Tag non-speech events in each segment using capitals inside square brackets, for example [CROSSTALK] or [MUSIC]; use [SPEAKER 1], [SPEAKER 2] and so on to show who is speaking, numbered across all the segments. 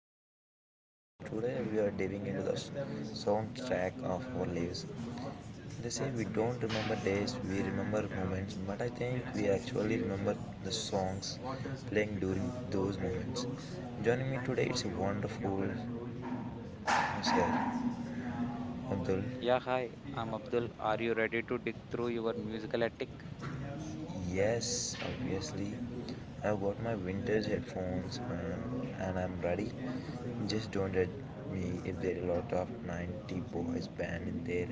[SPEAKER 1] Manikanta, and today we are diving into the soundtrack of our lives. They say we don't remember days, we remember moments, but I think we actually remember the songs playing during those moments. Joining me today is a wonderful Mr. Abdul.
[SPEAKER 2] Yeah, hi, I'm Abdul. Are you ready to dig through your musical attic?
[SPEAKER 1] Yes, obviously. I've got my vintage headphones and I'm ready. Just don't at me if there are a lot of 90 boys band in there.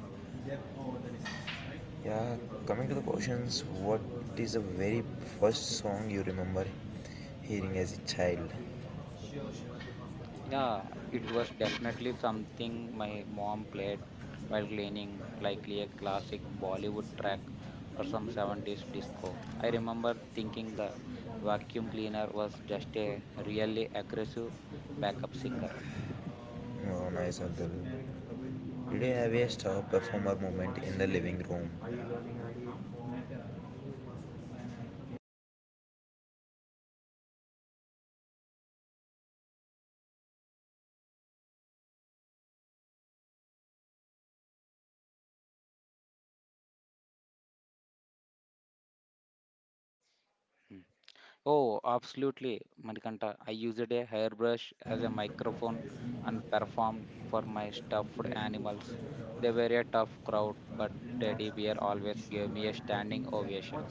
[SPEAKER 1] Yeah, coming to the questions, what is the very first song you remember hearing as a child?
[SPEAKER 2] Yeah, It was definitely something my mom played while cleaning, likely a classic Bollywood track or some 70s disco. I remember thinking the vacuum cleaner was just a really aggressive backup singer.
[SPEAKER 1] Oh, nice, Abdul. Did you have a star performer moment in the living room?
[SPEAKER 2] Hmm. Oh, absolutely, Manikanta. I used a hairbrush as a microphone and performed for my stuffed animals. They were a tough crowd, but Teddy Bear always gave me a standing ovation.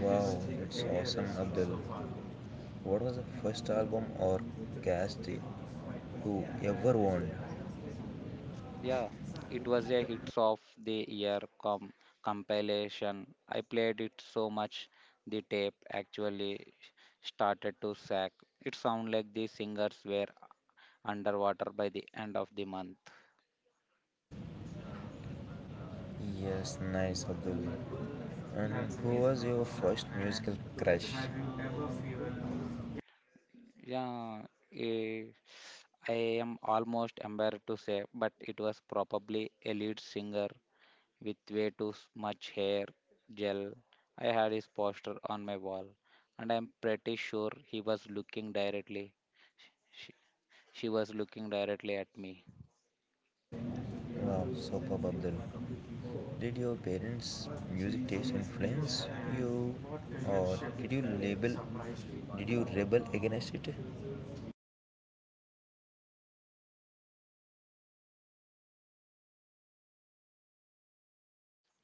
[SPEAKER 1] Wow, it's awesome, Abdul. What was the first album or cast you ever owned?
[SPEAKER 2] Yeah, it was a hits of the year compilation. I played it so much the tape actually started to sag. It sounded like the singers were underwater by the end of the month.
[SPEAKER 1] Yes, nice, Abdul. And who was your first musical crush?
[SPEAKER 2] Yeah, eh, I am almost embarrassed to say, but it was probably a lead singer with way too much hair gel. I had his poster on my wall, and I'm pretty sure he was looking directly. She, she was looking directly at me.
[SPEAKER 1] Wow, superb, Abdul. Did your parents' music taste influence you, or did you label? Did you rebel against it?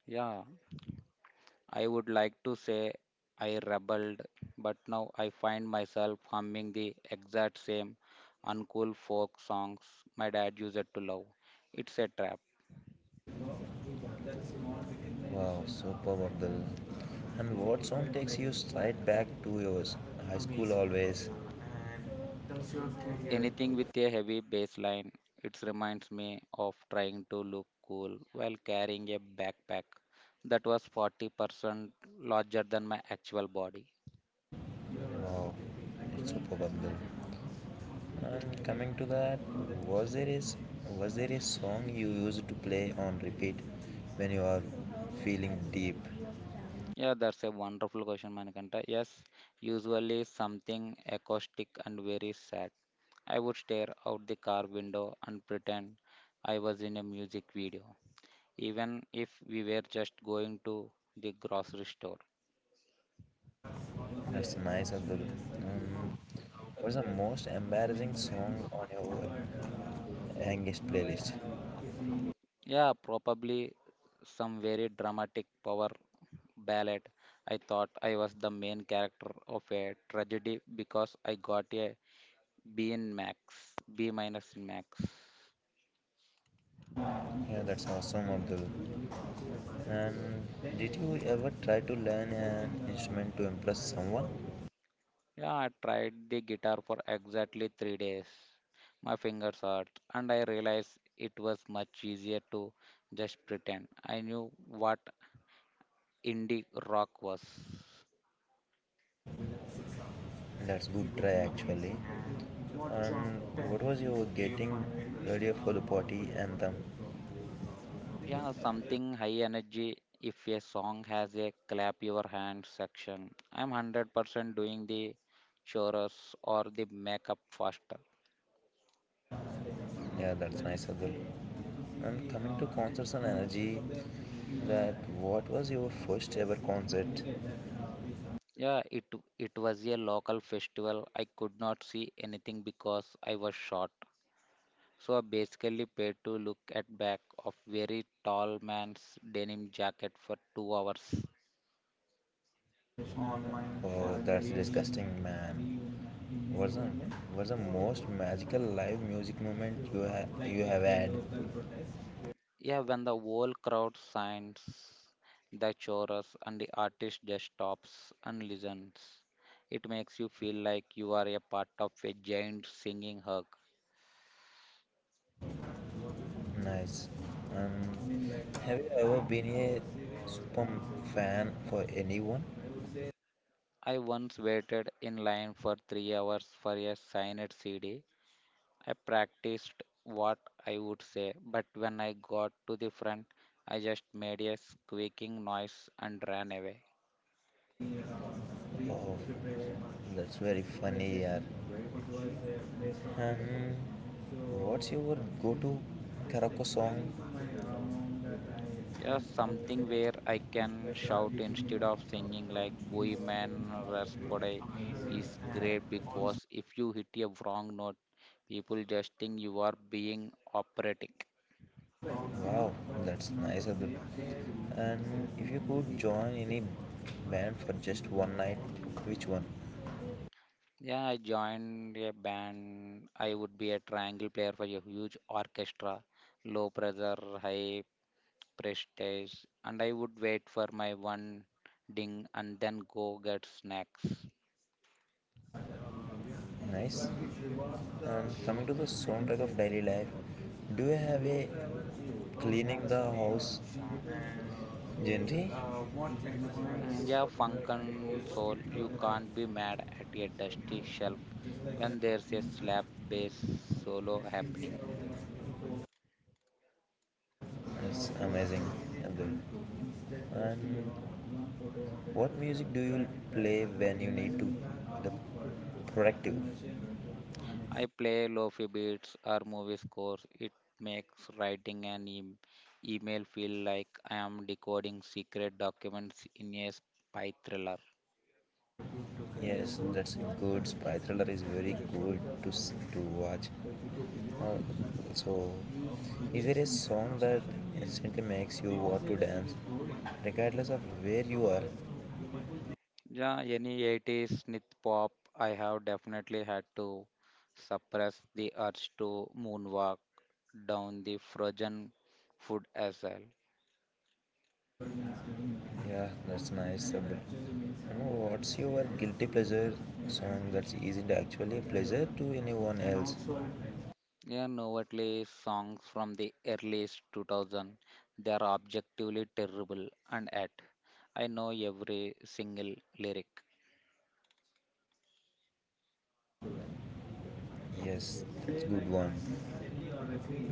[SPEAKER 2] Yeah, I would like to say I rebelled, but now I find myself humming the exact same uncool folk songs my dad used to love. It's a trap.
[SPEAKER 1] Wow, superb, Abdul. And what song takes you straight back to yours high school always?
[SPEAKER 2] Anything with a heavy bass line, it reminds me of trying to look cool while carrying a backpack that was 40% larger than my actual body.
[SPEAKER 1] Wow, it's superb, Abdul. And coming to that, was there is was there a song you used to play on repeat when you are feeling deep?
[SPEAKER 2] Yeah, that's a wonderful question, Manikanta. Yes, usually something acoustic and very sad. I would stare out the car window and pretend I was in a music video, even if we were just going to the grocery store.
[SPEAKER 1] That's nice, Abdul. Um, what's the most embarrassing song on your youngest playlist?
[SPEAKER 2] Yeah, Probably some very dramatic power ballet. I thought I was the main character of a tragedy because I got a B in max, B minus in max.
[SPEAKER 1] Yeah, that's awesome, Abdul. And did you ever try to learn an instrument to impress someone?
[SPEAKER 2] Yeah, I tried the guitar for exactly 3 days. My fingers hurt, and I realized it was much easier to just pretend. I knew what indie rock was.
[SPEAKER 1] That's good try, actually. And what was your getting ready for the party anthem?
[SPEAKER 2] Yeah, Something high energy. If a song has a clap your hands section, I'm 100% doing the chores or the makeup faster.
[SPEAKER 1] Yeah, that's nice, Abdul. And coming to concerts and energy, that what was your first ever concert?
[SPEAKER 2] Yeah, it it was a local festival. I could not see anything because I was short. So I basically paid to look at back of very tall man's denim jacket for 2 hours.
[SPEAKER 1] Oh, that's disgusting, man. What's the what's the most magical live music moment you have had?
[SPEAKER 2] Yeah, when the whole crowd signs the chorus and the artist just stops and listens, it makes you feel like you are a part of a giant singing hug.
[SPEAKER 1] Nice. Um, have you ever been a super fan for anyone?
[SPEAKER 2] I once waited in line for 3 hours for a signed CD. I practiced what I would say, but when I got to the front, I just made a squeaking noise and ran away.
[SPEAKER 1] Oh, that's very funny, yeah. Um, what's your go-to karaoke song?
[SPEAKER 2] Yeah, Something where I can shout instead of singing like boy, man, Raspodai is great because if you hit a wrong note, people just think you are being operatic.
[SPEAKER 1] Wow, that's nice, Abdul. And if you could join any band for just one night, which one?
[SPEAKER 2] Yeah, I joined a band. I would be a triangle player for a huge orchestra, low pressure, high prestige, and I would wait for my one ding and then go get snacks.
[SPEAKER 1] Nice. And coming to the soundtrack of daily life, do you have a cleaning the house genre?
[SPEAKER 2] Yeah, Funkin' Soul, you can't be mad at a dusty shelf when there's a slap bass solo happening.
[SPEAKER 1] That's amazing, Abdul. And what music do you play when you need to? The productive.
[SPEAKER 2] I play lofi beats or movie scores. It makes writing an email feel like I am decoding secret documents in a spy thriller.
[SPEAKER 1] Yes, that's good. Spy thriller is very good to watch. Uh, so, is there a song that instantly makes you want to dance, regardless of where you are?
[SPEAKER 2] Yeah, any 80s synth pop, I have definitely had to suppress the urge to moonwalk down the frozen food aisle.
[SPEAKER 1] Yeah, that's nice, Sabri. What's your guilty pleasure song that's easy to actually pleasure to anyone else?
[SPEAKER 2] Yeah, Novatle songs from the earliest 2000, they are objectively terrible and yet I know every single lyric.
[SPEAKER 1] Yes, that's good one.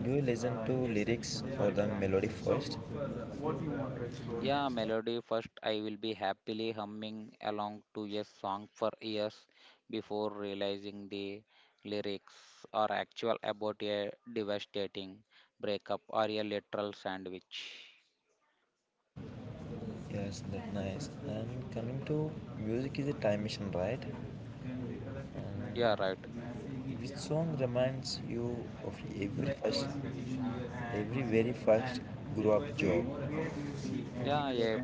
[SPEAKER 1] Do you listen to lyrics or the melody first?
[SPEAKER 2] Yeah, Melody first I will be happily humming along to a song for years before realizing the lyrics are actual about a devastating breakup or a literal sandwich.
[SPEAKER 1] Yes, that's nice. And coming to, music is a time machine, right?
[SPEAKER 2] Yeah, right.
[SPEAKER 1] And which song reminds you of every person? Every very first grew up job.
[SPEAKER 2] Yeah, a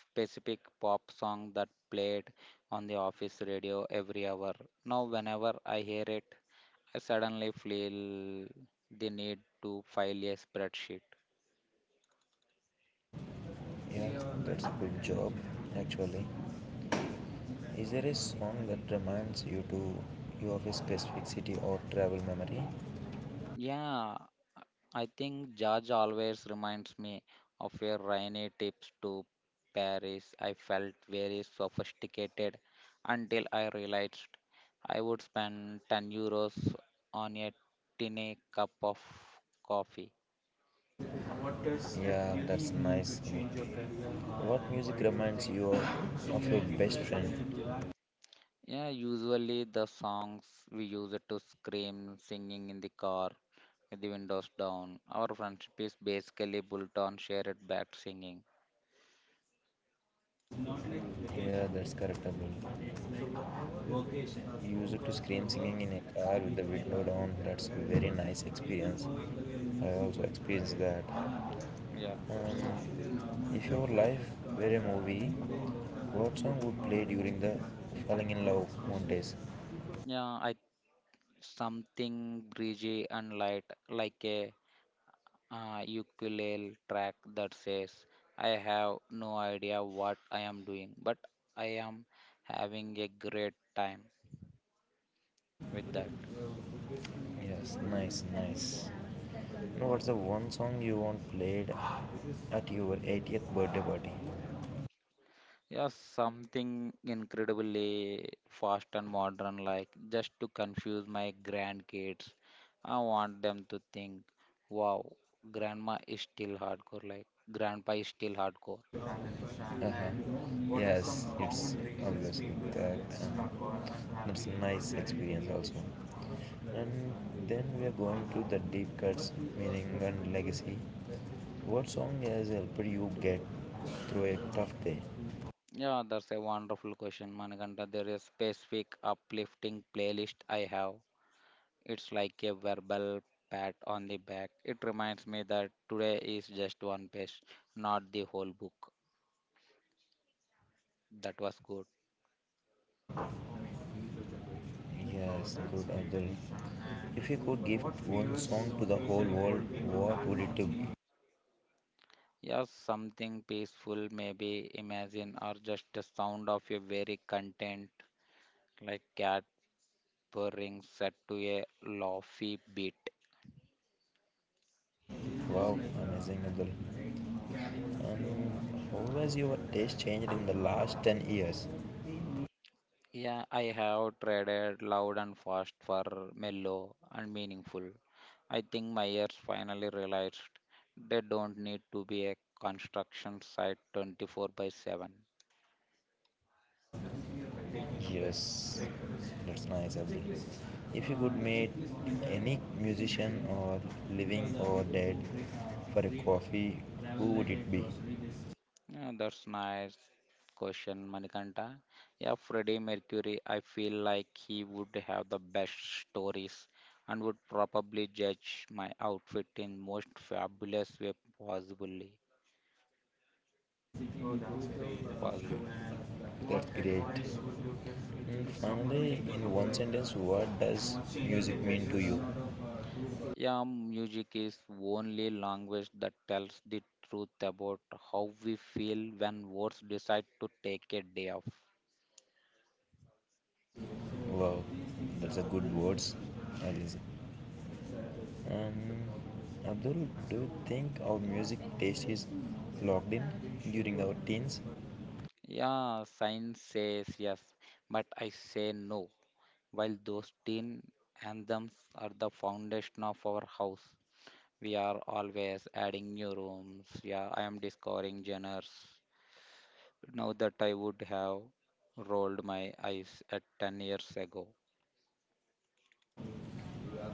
[SPEAKER 2] specific pop song that played on the office radio every hour. Now, whenever I hear it, I suddenly feel the need to file a spreadsheet.
[SPEAKER 1] Yeah, that's a good job actually. Is there a song that reminds you to you of a specific city or travel memory?
[SPEAKER 2] Yeah, I think George always reminds me of your rainy trips to Paris. I felt very sophisticated until I realized I would spend 10 euros on a tiny cup of coffee.
[SPEAKER 1] Yeah, that's nice. What music reminds you of your best friend?
[SPEAKER 2] Yeah, Usually the songs we use it to scream, singing in the car with the windows down. Our friendship is basically built on shared back singing.
[SPEAKER 1] Yeah, that's correct, Abdul. You used to scream singing in a car with the window down. That's a very nice experience. I also experienced that.
[SPEAKER 2] Yeah, that's
[SPEAKER 1] If your life were a movie, what song would play during the falling in love montage?
[SPEAKER 2] yeah. I something breezy and light, like a ukulele track that says, "I have no idea what I am doing, but I am having a great time with that."
[SPEAKER 1] Yes, nice, nice. And what's the one song you want played at your 80th birthday party?
[SPEAKER 2] Yeah, Something incredibly fast and modern, like just to confuse my grandkids. I want them to think, wow, grandma is still hardcore, like grandpa is still hardcore.
[SPEAKER 1] Uh-huh. Yes, it's obviously that. uh That's a nice experience also. And then we are going to the deep cuts, meaning and legacy. What song has helped you get through a tough day?
[SPEAKER 2] Yeah, that's a wonderful question, Manikanta. There is specific uplifting playlist I have. It's like a verbal pat on the back. It reminds me that today is just one page, not the whole book. That was good.
[SPEAKER 1] Yes, good Abdul. If you could give one song to the whole world, what would it be?
[SPEAKER 2] Yes, something peaceful, maybe imagine, or just the sound of a very content like cat purring set to a lofty beat.
[SPEAKER 1] Wow, amazing Abdul. Um, how has your taste changed in the last 10 years?
[SPEAKER 2] Yeah, I have traded loud and fast for mellow and meaningful. I think my ears finally realized they don't need to be a construction site 24 by 7.
[SPEAKER 1] Yes, that's nice Abdul. If you could meet any musician or living or dead for a coffee, who would it be?
[SPEAKER 2] Yeah, that's nice question, Manikanta. Yeah, Freddie Mercury, I feel like he would have the best stories and would probably judge my outfit in most fabulous way possibly possible.
[SPEAKER 1] That's great. Finally, in one sentence, what does music mean to you?
[SPEAKER 2] Yeah, Music is only language that tells the truth about how we feel when words decide to take a day off.
[SPEAKER 1] Wow, that's a good words, Alice. Um, Abdul, do you think our music taste is locked in during our teens?
[SPEAKER 2] Yeah, science says yes, but I say no. While those teen anthems are the foundation of our house, we are always adding new rooms. Yeah, I am discovering genres now that I would have rolled my eyes at 10 years ago.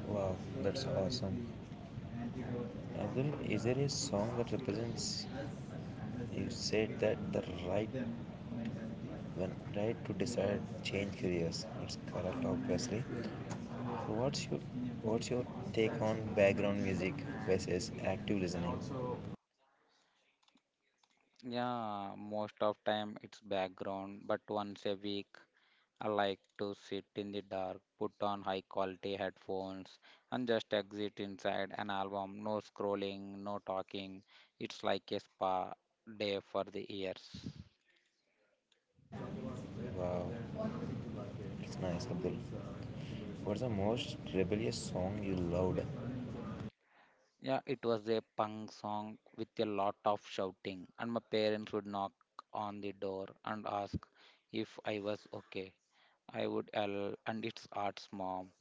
[SPEAKER 1] Wow, that's awesome. Abdul, is there a song that represents you said that the right when right to decide change careers? It's correct obviously. So what's your take on background music versus active listening?
[SPEAKER 2] Yeah, Most of time it's background, but once a week I like to sit in the dark, put on high quality headphones, and just exit inside an album. No scrolling, no talking. It's like a spa day for the ears.
[SPEAKER 1] Wow, it's nice, Abdul. What's the most rebellious song you loved?
[SPEAKER 2] Yeah, it was a punk song with a lot of shouting, and my parents would knock on the door and ask if I was okay. I would yell, and it's arts, mom,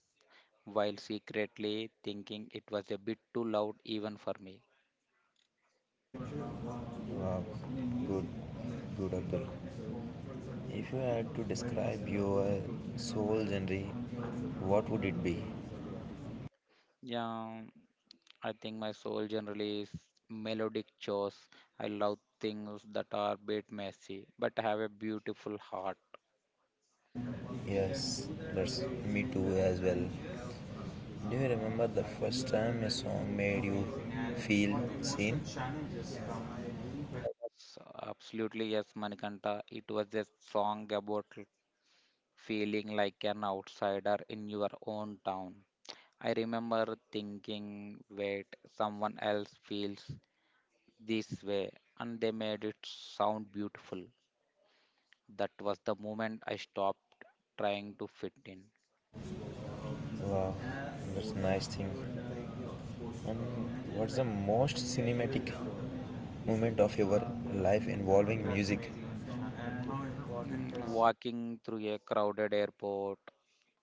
[SPEAKER 2] while secretly thinking it was a bit too loud even for me.
[SPEAKER 1] Wow, good, good Abdul. If you had to describe your soul genre, what would it be?
[SPEAKER 2] Yeah, I think my soul generally is melodic chores. I love things that are a bit messy, but have a beautiful heart.
[SPEAKER 1] Yes, that's me too as well. Do you remember the first time a song made you feel seen?
[SPEAKER 2] Yes, absolutely, yes, Manikanta. It was a song about feeling like an outsider in your own town. I remember thinking, wait, someone else feels this way, and they made it sound beautiful. That was the moment I stopped trying to fit in.
[SPEAKER 1] Wow, that's a nice thing. And what's the most cinematic moment of your life involving music?
[SPEAKER 2] Walking through a crowded airport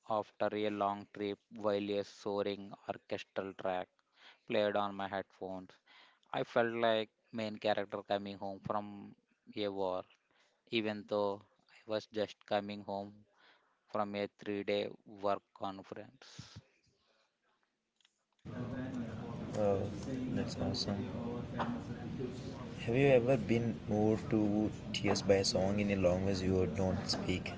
[SPEAKER 2] after a long trip while a soaring orchestral track played on my headphones. I felt like main character coming home from a war, even though I was just coming home from a 3 day work conference.
[SPEAKER 1] Wow, that's awesome. Have you ever been moved to tears by a song in a language you don't speak?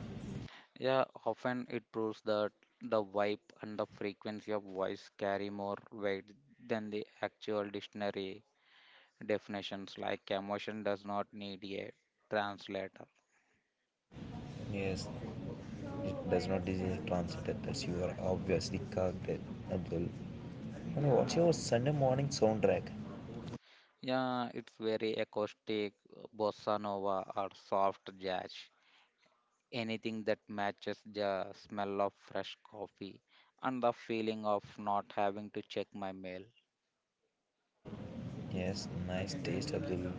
[SPEAKER 2] Yeah, Often it proves that the vibe and the frequency of voice carry more weight than the actual dictionary definitions, like emotion does not need a translator.
[SPEAKER 1] Yes, it does not easily translate that you are obviously cocked, Abdul. And what's your Sunday morning soundtrack?
[SPEAKER 2] Yeah, it's very acoustic, bossa nova, or soft jazz. Anything that matches the smell of fresh coffee and the feeling of not having to check my mail.
[SPEAKER 1] Yes, nice taste, Abdul.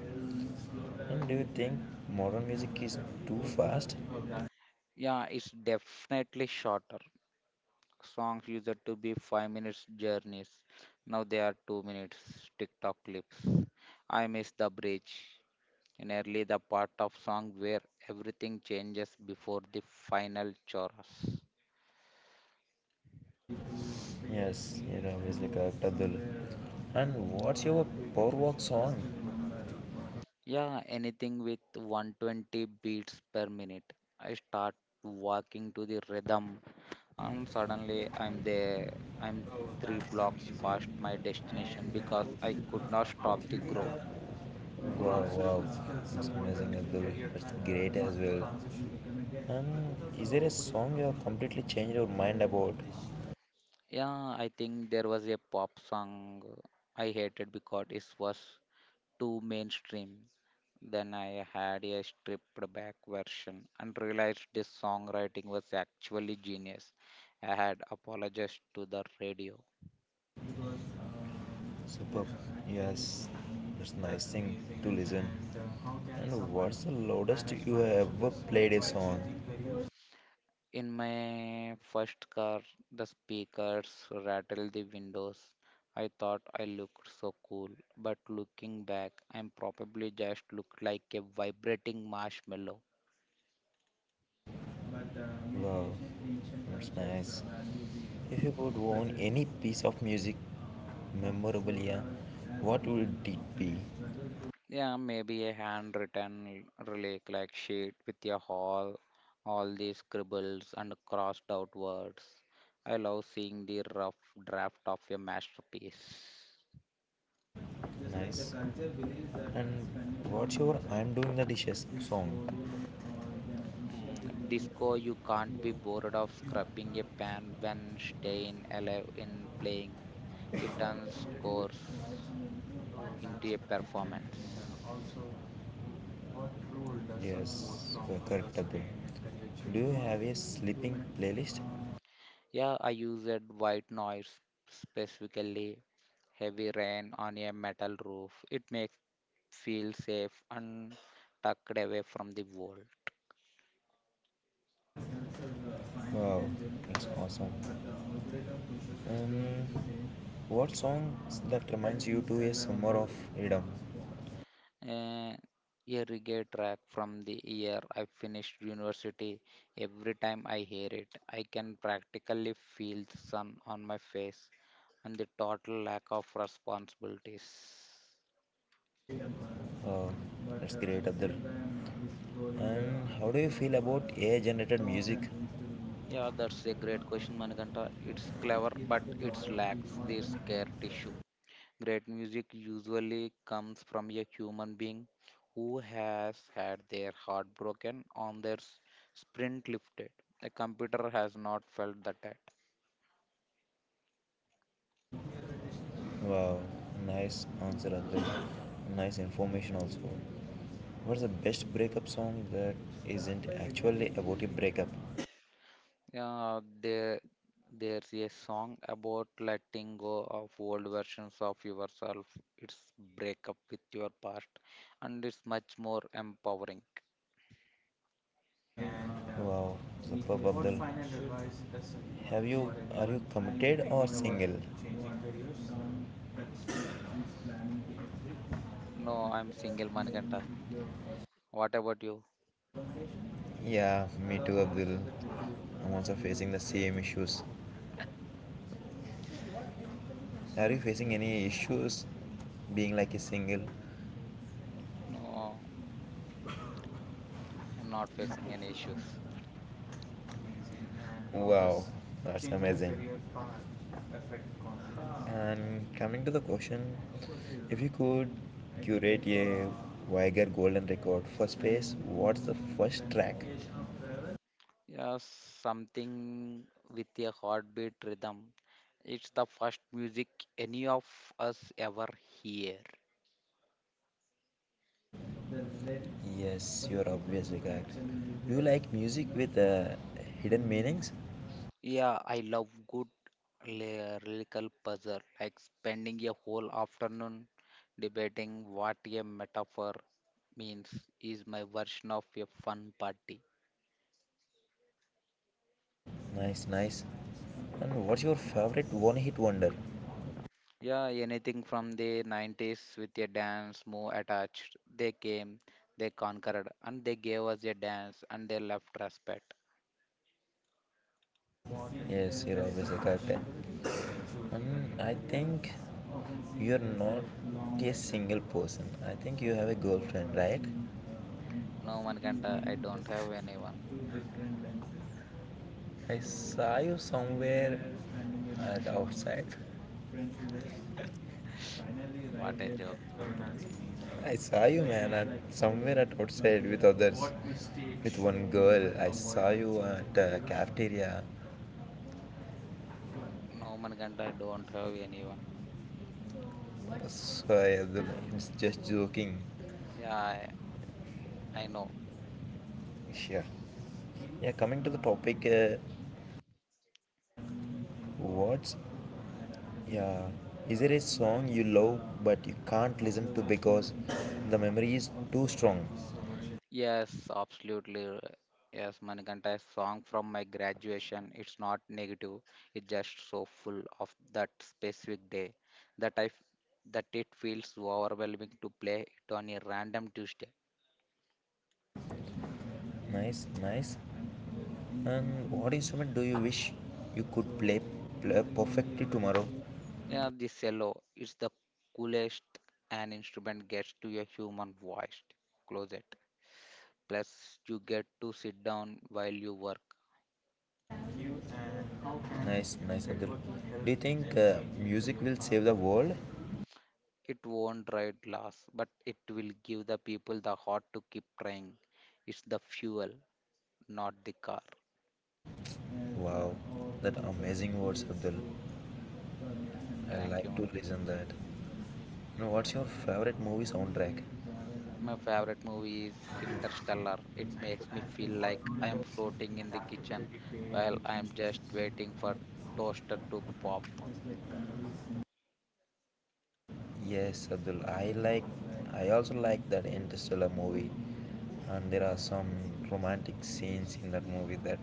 [SPEAKER 1] And do you think modern music is too fast?
[SPEAKER 2] Yeah, it's definitely shorter. Songs used to be 5 minute journeys. Now they are 2 minute TikTok clips. I miss the bridge. Nearly the part of song where everything changes before the final chorus.
[SPEAKER 1] Yes, you're obviously correct, Abdul. And what's your power walk song?
[SPEAKER 2] Yeah, Anything with 120 beats per minute. I start walking to the rhythm and suddenly I'm there. I'm three blocks past my destination because I could not stop the grow
[SPEAKER 1] Wow,
[SPEAKER 2] groove.
[SPEAKER 1] wow, that's amazing, Abdul. That's great as well. And is there a song you have completely changed your mind about?
[SPEAKER 2] Yeah, I think there was a pop song I hated because it was too mainstream. Then I had a stripped back version and realized this songwriting was actually genius. I had apologized to the radio.
[SPEAKER 1] Superb. Yes, that's nice thing to listen. And what's the loudest you have ever played a song?
[SPEAKER 2] In my first car, the speakers rattled the windows. I thought I looked so cool, but looking back, I am probably just looked like a vibrating marshmallow.
[SPEAKER 1] Wow, that's nice. If you could own any piece of music memorabilia, what would it be?
[SPEAKER 2] Yeah, Maybe a handwritten relic like sheet with your all these scribbles and crossed out words. I love seeing the rough draft of your masterpiece.
[SPEAKER 1] Nice. And what's your I'm doing the dishes song?
[SPEAKER 2] Disco, you can't be bored of scrubbing a pan when staying alive in playing. It turns course into a performance.
[SPEAKER 1] Yes, Correctable. Do you have a sleeping playlist?
[SPEAKER 2] Yeah, I used white noise specifically heavy rain on a metal roof. It makes feel safe and tucked away from the world.
[SPEAKER 1] Wow, it's awesome. Um, what song that reminds you to a summer of freedom?
[SPEAKER 2] Uh, a reggae track from the year I finished university. Every time I hear it, I can practically feel the sun on my face and the total lack of responsibilities.
[SPEAKER 1] Uh, that's great, Abdul. And how do you feel about AI-generated music?
[SPEAKER 2] Yeah, that's a great question, Manikanta. It's clever, but it lacks the scare tissue. Great music usually comes from a human being who has had their heart broken on their sprint lifted. A computer has not felt that yet.
[SPEAKER 1] Wow, nice answer, Abdul. Nice information also. What's the best breakup song that isn't actually about a breakup?
[SPEAKER 2] Uh, there, there's a song about letting go of old versions of yourself. It's break up with your past, and it's much more empowering.
[SPEAKER 1] Wow, superb, Abdul. Have you are you committed or single?
[SPEAKER 2] No, I'm single, Manikanta. What about you?
[SPEAKER 1] Yeah, me too, Abdul. I'm also facing the same issues. Are you facing any issues being like a single?
[SPEAKER 2] No, I'm not facing any issues.
[SPEAKER 1] Wow, that's amazing. And coming to the question, if you could curate a Weiger Golden Record for space, what's the first track?
[SPEAKER 2] Yeah, Something with a heartbeat rhythm. It's the first music any of us ever hear.
[SPEAKER 1] Yes, you're obviously correct. Do you like music with hidden meanings?
[SPEAKER 2] Yeah, I love good lyrical puzzle, like spending a whole afternoon debating what a metaphor means is my version of a fun party.
[SPEAKER 1] Nice, nice. And what's your favorite one hit wonder?
[SPEAKER 2] Yeah, Anything from the 90s with a dance move attached. They came, they conquered, and they gave us a dance, and they left respect.
[SPEAKER 1] Yes, you're obviously correct. And I think you're not a single person. I think you have a girlfriend, right?
[SPEAKER 2] No Manikanta, I don't have anyone.
[SPEAKER 1] I saw you somewhere at outside.
[SPEAKER 2] What a joke.
[SPEAKER 1] I saw you, man, at somewhere at outside with others. With one girl, I saw you at cafeteria.
[SPEAKER 2] No Manikanta, I don't have anyone.
[SPEAKER 1] So I it's just joking.
[SPEAKER 2] Yeah, I, I know.
[SPEAKER 1] Yeah. Yeah. Coming to the topic, what's yeah. Is there a song you love but you can't listen to because the memory is too strong?
[SPEAKER 2] Yes, absolutely. Yes, Manikanta, a song from my graduation. It's not negative. It's just so full of that specific day that I f- that it feels overwhelming to play it on a random Tuesday.
[SPEAKER 1] Nice, nice. And what instrument do you wish you could play perfectly tomorrow?
[SPEAKER 2] Yeah, the cello. It's the coolest an instrument gets to a human voice. Close it. Plus, you get to sit down while you work.
[SPEAKER 1] Nice, nice, Abdul. Do you think music will save the world?
[SPEAKER 2] It won't ride glass, but it will give the people the heart to keep trying. It's the fuel, not the car.
[SPEAKER 1] Wow, that amazing words, Abdul. I
[SPEAKER 2] Thank you,
[SPEAKER 1] like to
[SPEAKER 2] Manohar.
[SPEAKER 1] listen that. Now, what's your favorite movie soundtrack?
[SPEAKER 2] My favorite movie is Interstellar. It makes me feel like I am floating in the kitchen while I am just waiting for toaster to pop.
[SPEAKER 1] Yes, Abdul. I like. I also like that Interstellar movie, and there are some romantic scenes in that movie that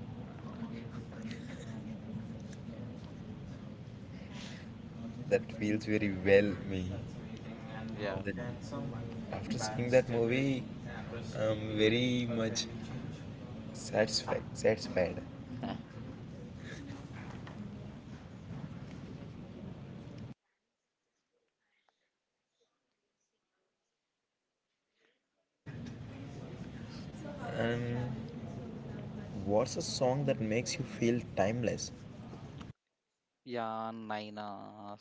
[SPEAKER 1] that feels very well me.
[SPEAKER 2] Yeah.
[SPEAKER 1] That after seeing that movie, I'm very much satisfied. Satisfied.
[SPEAKER 2] [LAUGHS]
[SPEAKER 1] And what's a song that makes you feel timeless?
[SPEAKER 2] Yeah, Naina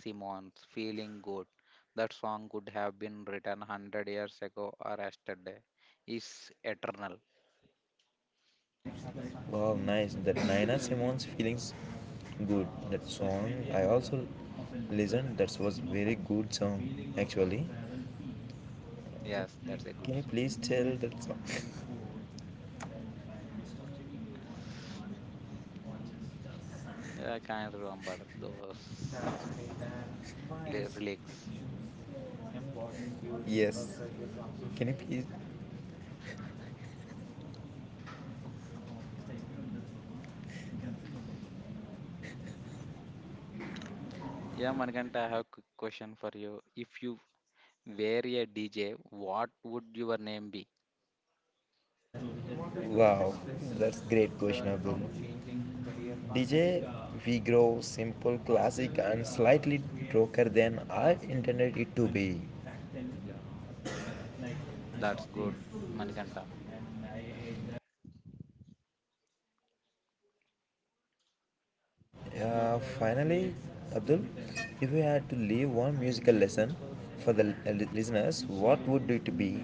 [SPEAKER 2] Simons, feeling good. That song could have been written 100 years ago or yesterday. Is eternal.
[SPEAKER 1] Wow, nice. That Naina Simone's feelings good. That song I also listened. That was very good song actually.
[SPEAKER 2] Yes, that's a good
[SPEAKER 1] Can you
[SPEAKER 2] song.
[SPEAKER 1] please tell that song? That's
[SPEAKER 2] Yeah, I can't remember those
[SPEAKER 1] great. And why is
[SPEAKER 2] lyrics.
[SPEAKER 1] fictions important to you? Yes. Can you please?
[SPEAKER 2] Yeah, Marganta, I have a quick question for you. If you were a DJ, what would your name be?
[SPEAKER 1] Wow, that's great question, Abdul. DJ, we grow simple, classic, and slightly darker than I intended it to be.
[SPEAKER 2] Yeah, that's good, Manikanta.
[SPEAKER 1] Finally, Abdul, if you had to leave one musical lesson for the listeners, what would it be?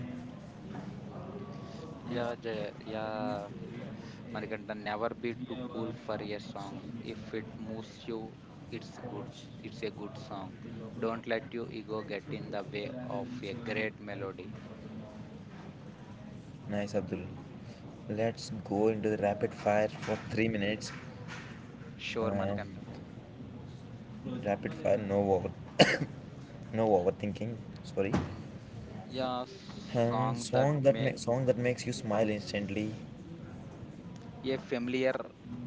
[SPEAKER 2] Yeah, Jay, yeah. Manikanta, never be too
[SPEAKER 1] Yeah,
[SPEAKER 2] cool
[SPEAKER 1] well,
[SPEAKER 2] for a
[SPEAKER 1] so,
[SPEAKER 2] song. If it moves you, it's good. It's a good song. Don't let your ego get in the way of a great melody.
[SPEAKER 1] like. Nice, Abdul. Let's go into the rapid fire for 3 minutes. Sure.
[SPEAKER 2] Sure, Manikanta.
[SPEAKER 1] Rapid fire, [COUGHS] no overthinking. Sorry.
[SPEAKER 2] Yeah, Song that
[SPEAKER 1] Song that
[SPEAKER 2] make
[SPEAKER 1] makes you smile instantly.
[SPEAKER 2] a familiar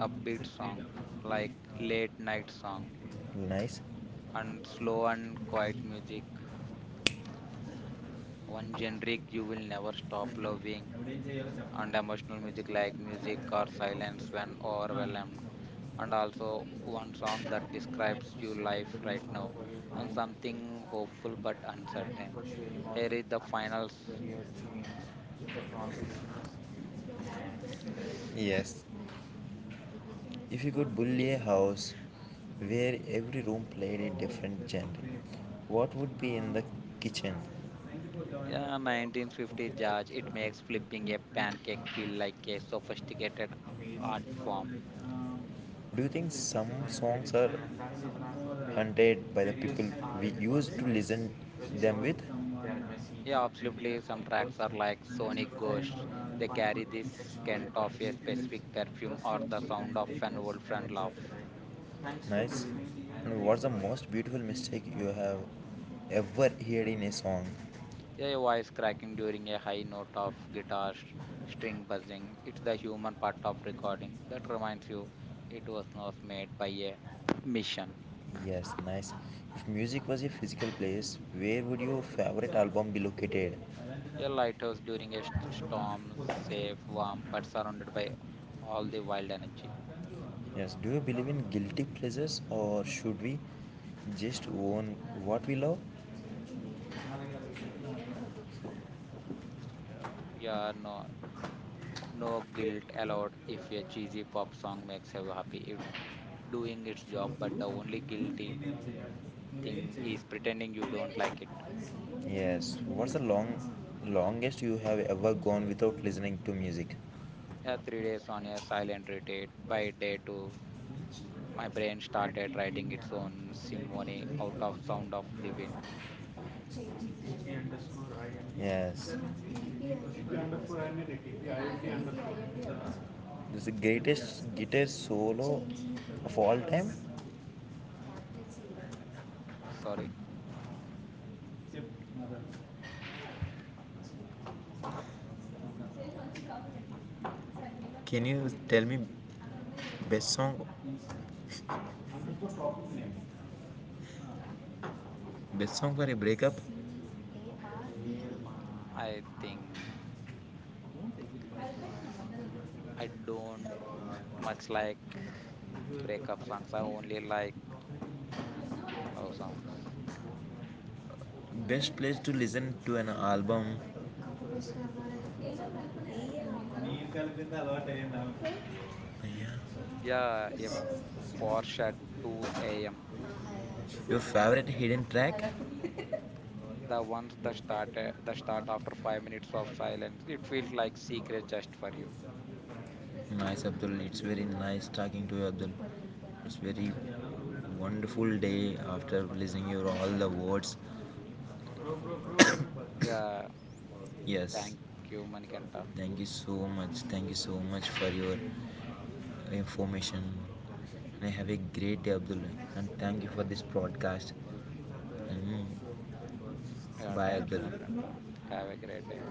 [SPEAKER 2] upbeat song like late night song
[SPEAKER 1] Nice.
[SPEAKER 2] and slow and quiet music. One generic you will never stop loving,
[SPEAKER 1] So,
[SPEAKER 2] and emotional music like music or silence when overwhelmed and also one song that describes your life right now and something hopeful but
[SPEAKER 1] thank you
[SPEAKER 2] uncertain.
[SPEAKER 1] for sharing all
[SPEAKER 2] Here
[SPEAKER 1] your
[SPEAKER 2] is the
[SPEAKER 1] times
[SPEAKER 2] finals.
[SPEAKER 1] when you have changed the foundations. Yes, if you could bully a house where every room played a different genre, what would be in the kitchen?
[SPEAKER 2] Yeah 1950 judge it makes flipping a pancake feel like a sophisticated art form.
[SPEAKER 1] Do you think some songs are haunted by the people we used to listen them with?
[SPEAKER 2] Yeah Absolutely some tracks are like sonic ghosts. They carry the scent of a specific perfume or the sound of an old friend laugh.
[SPEAKER 1] Nice. And what's the most beautiful mistake you have ever heard in a song?
[SPEAKER 2] Yeah, your voice cracking during a high note of string buzzing. It's the human part of recording that reminds you it was not made by a mission.
[SPEAKER 1] Yes, nice. If music was a physical place, where would your favorite album be located?
[SPEAKER 2] A lighthouse during a storm, safe, warm, but surrounded by all the wild energy.
[SPEAKER 1] Yes, do you believe in guilty pleasures or should we just own what we love?
[SPEAKER 2] Yeah. Yeah, no, no guilt allowed if a cheesy pop song makes you happy. It doing its job, but the only guilty thing is pretending you don't like it.
[SPEAKER 1] Yes, what's the longest you have ever gone without listening to music?
[SPEAKER 2] Yeah, 3 days on a silent retreat by day two. My brain started writing its own symphony out of sound of the wind.
[SPEAKER 1] Yes. This is the greatest guitar solo of all time.
[SPEAKER 2] Sorry,
[SPEAKER 1] Can you tell me best song best song for a breakup?
[SPEAKER 2] I think I don't much like breakup songs. I only like love songs.
[SPEAKER 1] Best place to listen to an album? Yeah.
[SPEAKER 2] Yeah, a Porsche at 2 a.m.
[SPEAKER 1] Your favorite hidden track?
[SPEAKER 2] The ones that started the start after 5 minutes of silence. It feels like secret just for you.
[SPEAKER 1] Nice, Abdul. It's very nice talking to you, Abdul. It's very wonderful day after listening your all the words.
[SPEAKER 2] Yeah,
[SPEAKER 1] Yes,
[SPEAKER 2] thank you, Manikanta.
[SPEAKER 1] thank you so much. Thank you so much for your information. And have a great day, Abdul. And thank you for this broadcast. And
[SPEAKER 2] Yeah,
[SPEAKER 1] bye,
[SPEAKER 2] thank you,
[SPEAKER 1] Abdul.
[SPEAKER 2] Manikanta. Have a great day.